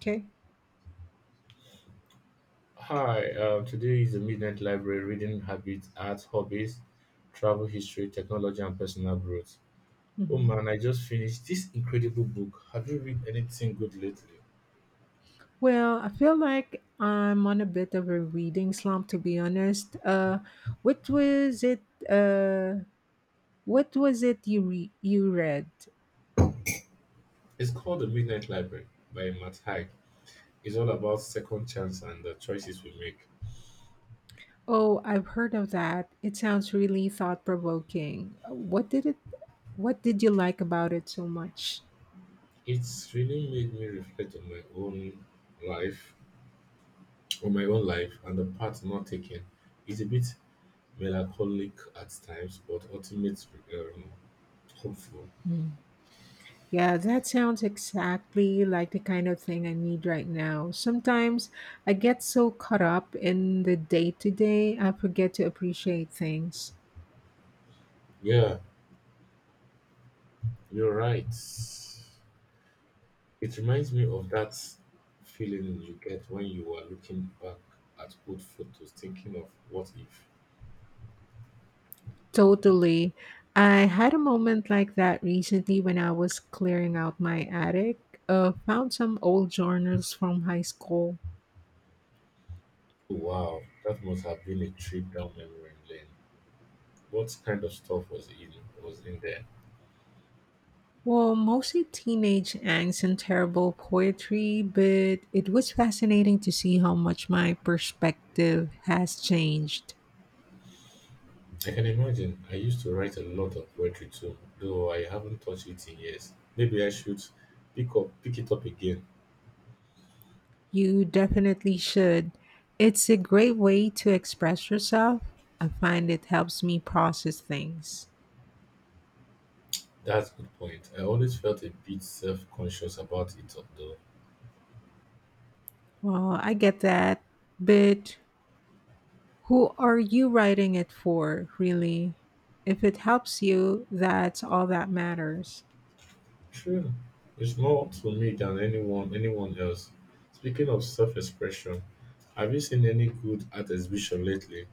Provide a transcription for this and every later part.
Okay. Hi, today is the Midnight Library reading habits, art, hobbies, travel history, technology, and personal growth. Oh Mhm. man, I just finished this incredible book. Have you read anything good lately? Well, I feel like I'm on a bit of a reading slump, to be honest. What was it? Uh, what was it you you read? It's called The Midnight Library by Matt Haig. It's all about second chance and the choices we make. Oh, I've heard of that. It sounds really thought provoking. What did it? What did you like about it so much? It's really made me reflect on my own life, and the path not taken. It's a bit melancholic at times, but ultimately um, hopeful. Mm. Yeah, that sounds exactly like the kind of thing I need right now. Sometimes I get so caught up in the day to day, I forget to appreciate things. Yeah, you're right. It reminds me of that feeling you get when you are looking back at old photos, thinking of what if. Totally. I had a moment like that recently when I was clearing out my attic. Found some old journals from high school. Oh, wow, that must have been a trip down memory lane. What kind of stuff was in there? Well, mostly teenage angst and terrible poetry, but it was fascinating to see how much my perspective has changed. I can imagine. I used to write a lot of poetry too, though I haven't touched it in years. Maybe I should pick it up again. You definitely should. It's a great way to express yourself. I find it helps me process things. That's a good point. I always felt a bit self-conscious about it though. Well, I get that, but who are you writing it for, really? If it helps you, that's all that matters. True. It's more to me than anyone else. Speaking of self-expression, have you seen any good art exhibition lately?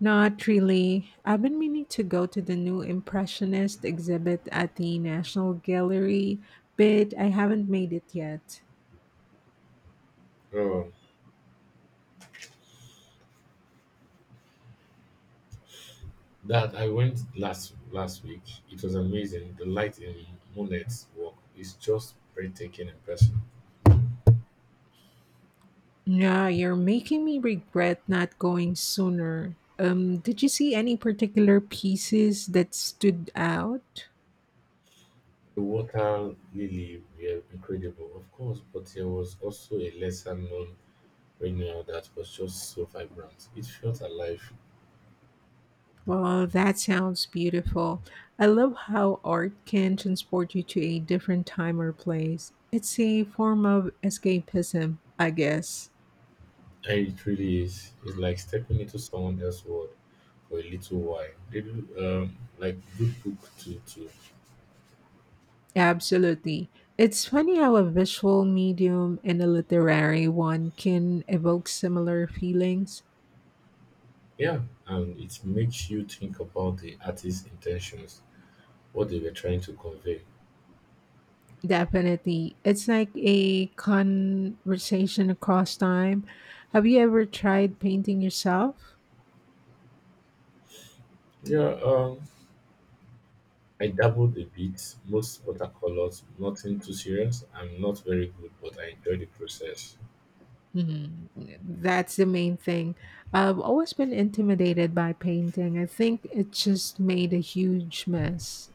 Not really. I've been meaning to go to the new Impressionist exhibit at the National Gallery, but I haven't made it yet. Oh, that I went last week. It was amazing. The light in Monet's work is just breathtaking in person. Yeah, you're making me regret not going sooner. Did you see any particular pieces that stood out? The water lily were incredible, of course, but there was also a lesser known renewal that was just so vibrant. It felt alive. Well, that sounds beautiful. I love how art can transport you to a different time or place. It's a form of escapism, I guess. And it really is. It's like stepping into someone else's world for a little while. They do like good book too. Absolutely. It's funny how a visual medium and a literary one can evoke similar feelings. Yeah, and it makes you think about the artist's intentions, what they were trying to convey. Definitely. It's like a conversation across time. Have you ever tried painting yourself? Yeah, I dabbled a bit, most watercolors, nothing too serious. I'm not very good, but I enjoy the process. Mhm. That's the main thing. I've always been intimidated by painting. I think it just made a huge mess.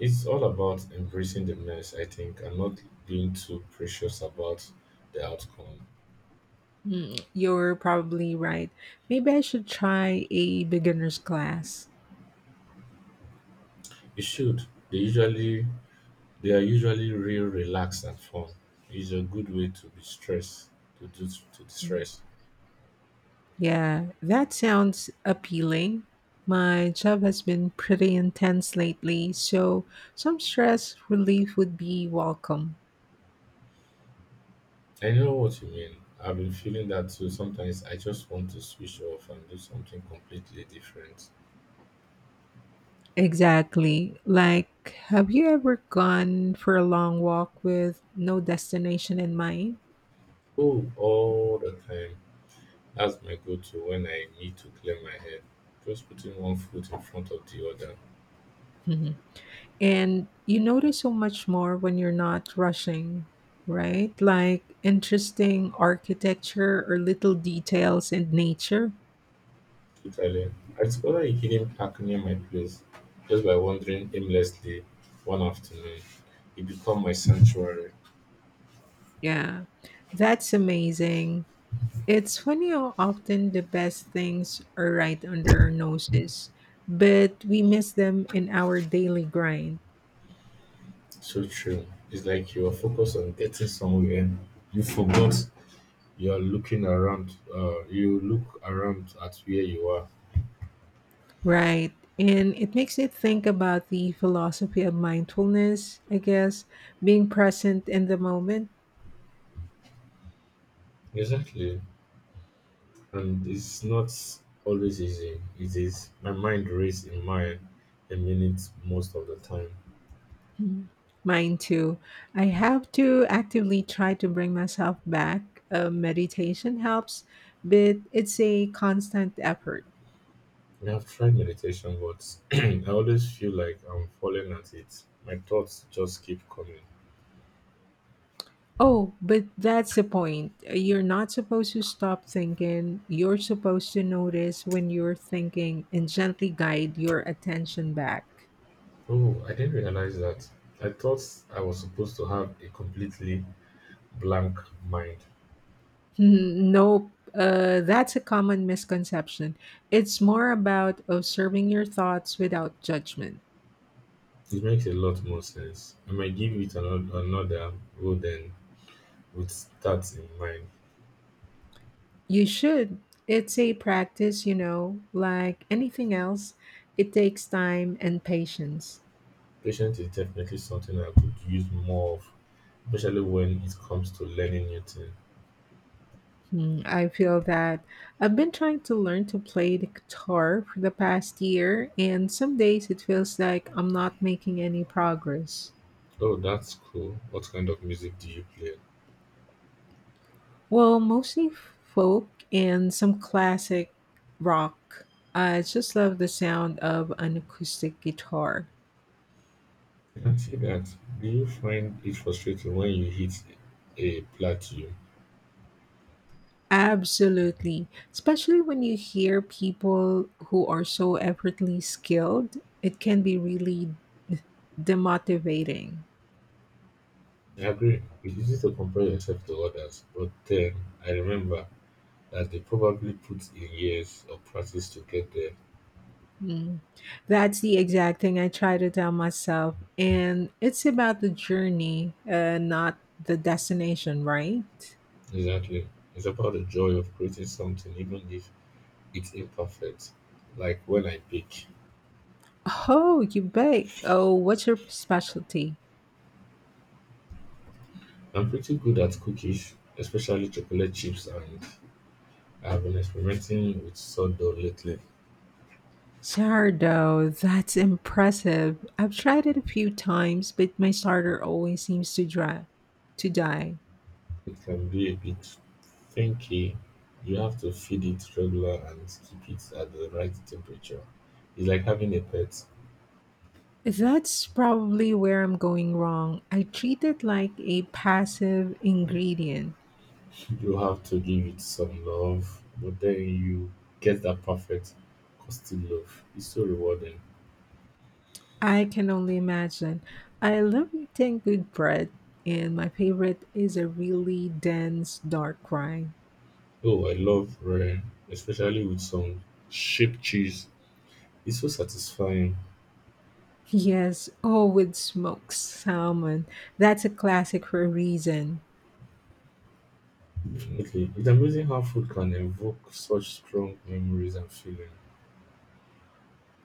It's all about embracing the mess, I think, and not being too precious about the outcome. Mm, you're probably right. Maybe I should try a beginner's class. You should. They usually They are usually real relaxed and fun. It's a good way to be stressed, to Mm. distress. Yeah, that sounds appealing. My job has been pretty intense lately, so some stress relief would be welcome. I know what you mean. I've been feeling that too. Sometimes I just want to switch off and do something completely different. Exactly. Have you ever gone for a long walk with no destination in mind? Oh, all the time. That's my go-to when I need to clear my head. Just putting one foot in front of the other. Mhm. And you notice so much more when you're not rushing, right? Like interesting architecture or little details in nature. Totally. I discovered a hidden park near my place just by wandering aimlessly one afternoon. It became my sanctuary. Yeah, that's amazing. It's funny how often the best things are right under our noses, but we miss them in our daily grind. So true. It's like you are focused on getting somewhere. You forgot you are looking around. You look around at where you are. Right. And it makes me think about the philosophy of mindfulness, I guess, being present in the moment. Exactly. And it's not always easy. It is. My mind race in mine a minute most of the time. Mhm. Mine too. I have to actively try to bring myself back. Meditation helps, but it's a constant effort. I've tried meditation, but I always feel like I'm falling at it. My thoughts just keep coming. Oh, but that's the point. You're not supposed to stop thinking. You're supposed to notice when you're thinking and gently guide your attention back. Oh, I didn't realize that. I thought I was supposed to have a completely blank mind. Nope. That's a common misconception. It's more about observing your thoughts without judgment. It makes a lot more sense. I might give it another go then, with that in mind. You should. It's a practice, you know, like anything else. It takes time and patience. Patience is definitely something I could use more of, especially when it comes to learning new things. Hmm, I feel that I've been trying to learn to play the guitar for the past year, and some days it feels like I'm not making any progress. Oh, that's cool. What kind of music do you play? Well, mostly folk and some classic rock. I just love the sound of an acoustic guitar. I can see that. Do you find it frustrating when you hit a plateau? Absolutely. Especially when you hear people who are so effortlessly skilled, it can be really demotivating. I agree. It's easy to compare yourself to others, but then I remember that they probably put in years of practice to get there. Mm. That's the exact thing I try to tell myself. And it's about the journey, not the destination, right? Exactly. It's about the joy of creating something, even if it's imperfect. Like when I bake, Oh, you bake. Oh, what's your specialty? I'm pretty good at cookies, especially chocolate chips, and I've been experimenting with sourdough lately. Sourdough. That's impressive. I've tried it a few times, but my starter always seems to die. It can be a bit finicky. You have to feed it regular and keep it at the right temperature. It's like having a pet. That's probably where I'm going wrong. I treat it like a passive ingredient. You have to give it some love, but then you get that perfect, custom love. It's so rewarding. I can only imagine. I love eating good bread, and my favorite is a really dense dark rind. Oh, I love rare, especially with some sheep cheese. It's so satisfying. Yes, oh, with smoked salmon. That's a classic for a reason. Okay, it's amazing how food can evoke such strong memories and feeling.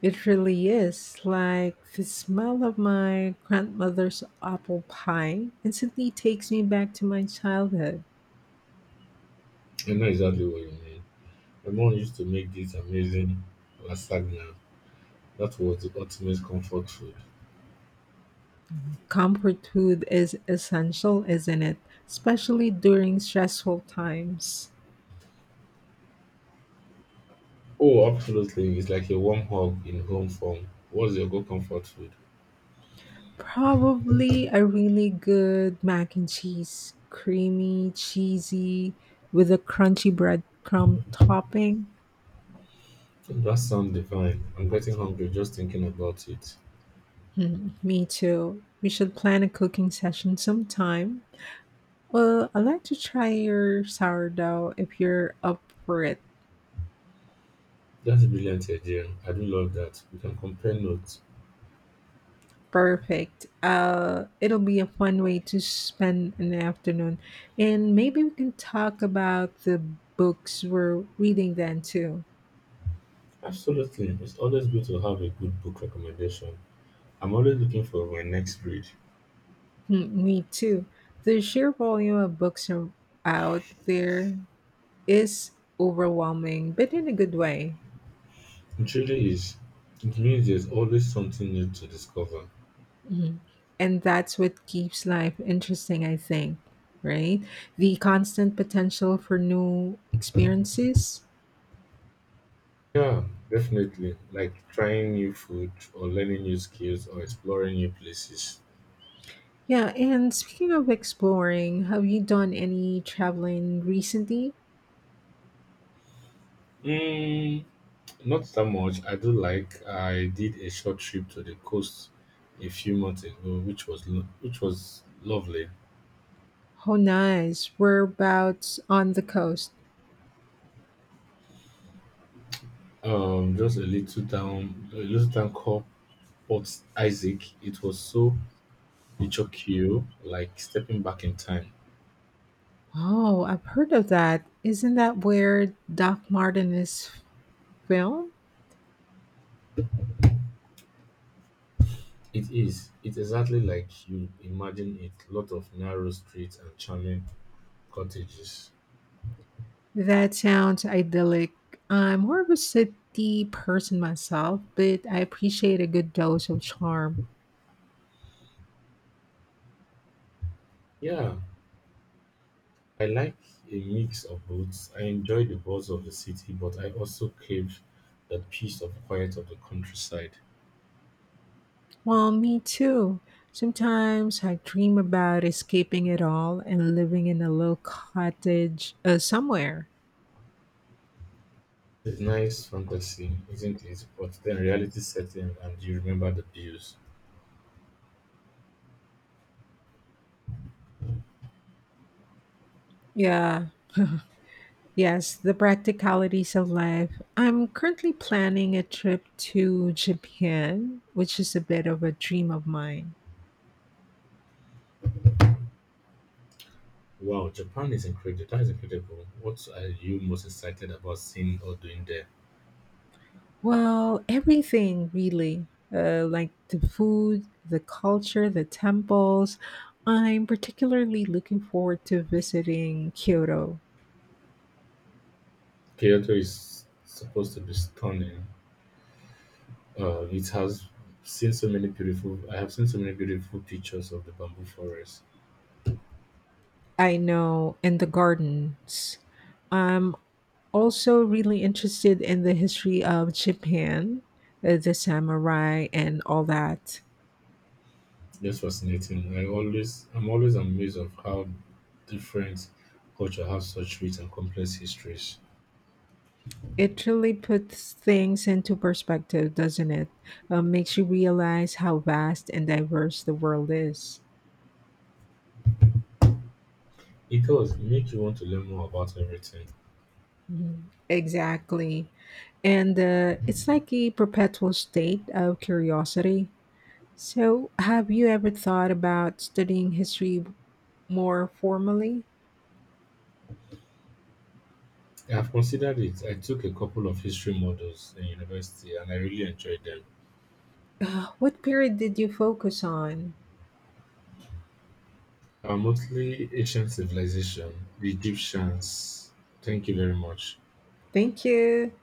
It really is. Like the smell of my grandmother's apple pie instantly takes me back to my childhood. I know exactly what you mean. My mom used to make this amazing lasagna. That was the ultimate comfort food. Comfort food is essential, isn't it? Especially during stressful times. Oh, absolutely. It's like a warm hug in home form. What's your go comfort food? Probably a really good mac and cheese, creamy, cheesy, with a crunchy breadcrumb topping. Hmm, that sounds divine. I'm getting hungry just thinking about it. Mm, me too. We should plan a cooking session sometime. Well, I'd like to try your sourdough if you're up for it. That's a brilliant idea. I do love that. We can compare notes. Perfect. It'll be a fun way to spend an afternoon. And maybe we can talk about the books we're reading then too. Absolutely. It's always good to have a good book recommendation. I'm always looking for my next read. Mm, me too. The sheer volume of out there is overwhelming, but in a good way. It really is. It means there's always something new to discover. Mhm. And that's what keeps life interesting, I think, right? The constant potential for new experiences. Yeah, definitely. Like trying new food or learning new skills or exploring new places. Yeah, and speaking of exploring, have you done any traveling recently? Mm, not that much. I do like I did a short trip to the coast a few months ago, which was which was lovely. Oh, nice. Whereabouts on the coast? Just a little town, called Port Isaac. It was so Ichokyo, like stepping back in time. Oh, I've heard of that. Isn't that where Doc Martin is filmed? It is. It's exactly like you imagine it. Lot of narrow streets and charming cottages. That sounds idyllic. I'm more of a city person myself, but I appreciate a good dose of charm. Yeah, I like a mix of both. I enjoy the buzz of the city, but I also crave the peace of quiet of the countryside. Well, me too. Sometimes I dream about escaping it all and living in a little cottage somewhere. It's nice fantasy, isn't it? But then reality sets in and you remember the views. Yeah, yes, the practicalities of life. I'm currently planning a trip to Japan, which is a bit of a dream of mine. Wow, Japan is incredible. That is incredible. What are you most excited about seeing or doing there? Well, everything really, like the food, the culture, the temples. I'm particularly looking forward to visiting Kyoto. Kyoto is supposed to be stunning. It has seen so many beautiful. I have seen so many beautiful pictures of the bamboo forest. I know, and the gardens. I'm also really interested in the history of Japan, the samurai, and all that. Just fascinating. I'm always amazed of how different culture have such rich and complex histories. It really puts things into perspective, doesn't it? Makes you realize how vast and diverse the world is. It does make you want to learn more about everything. Mhm. Exactly. And it's like a perpetual state of curiosity. So, have you ever thought about studying history more formally? I've considered it. I took a couple of history models in university, and I really enjoyed them. What period did you focus on? Mostly ancient civilization, the Egyptians. Thank you very much. Thank you.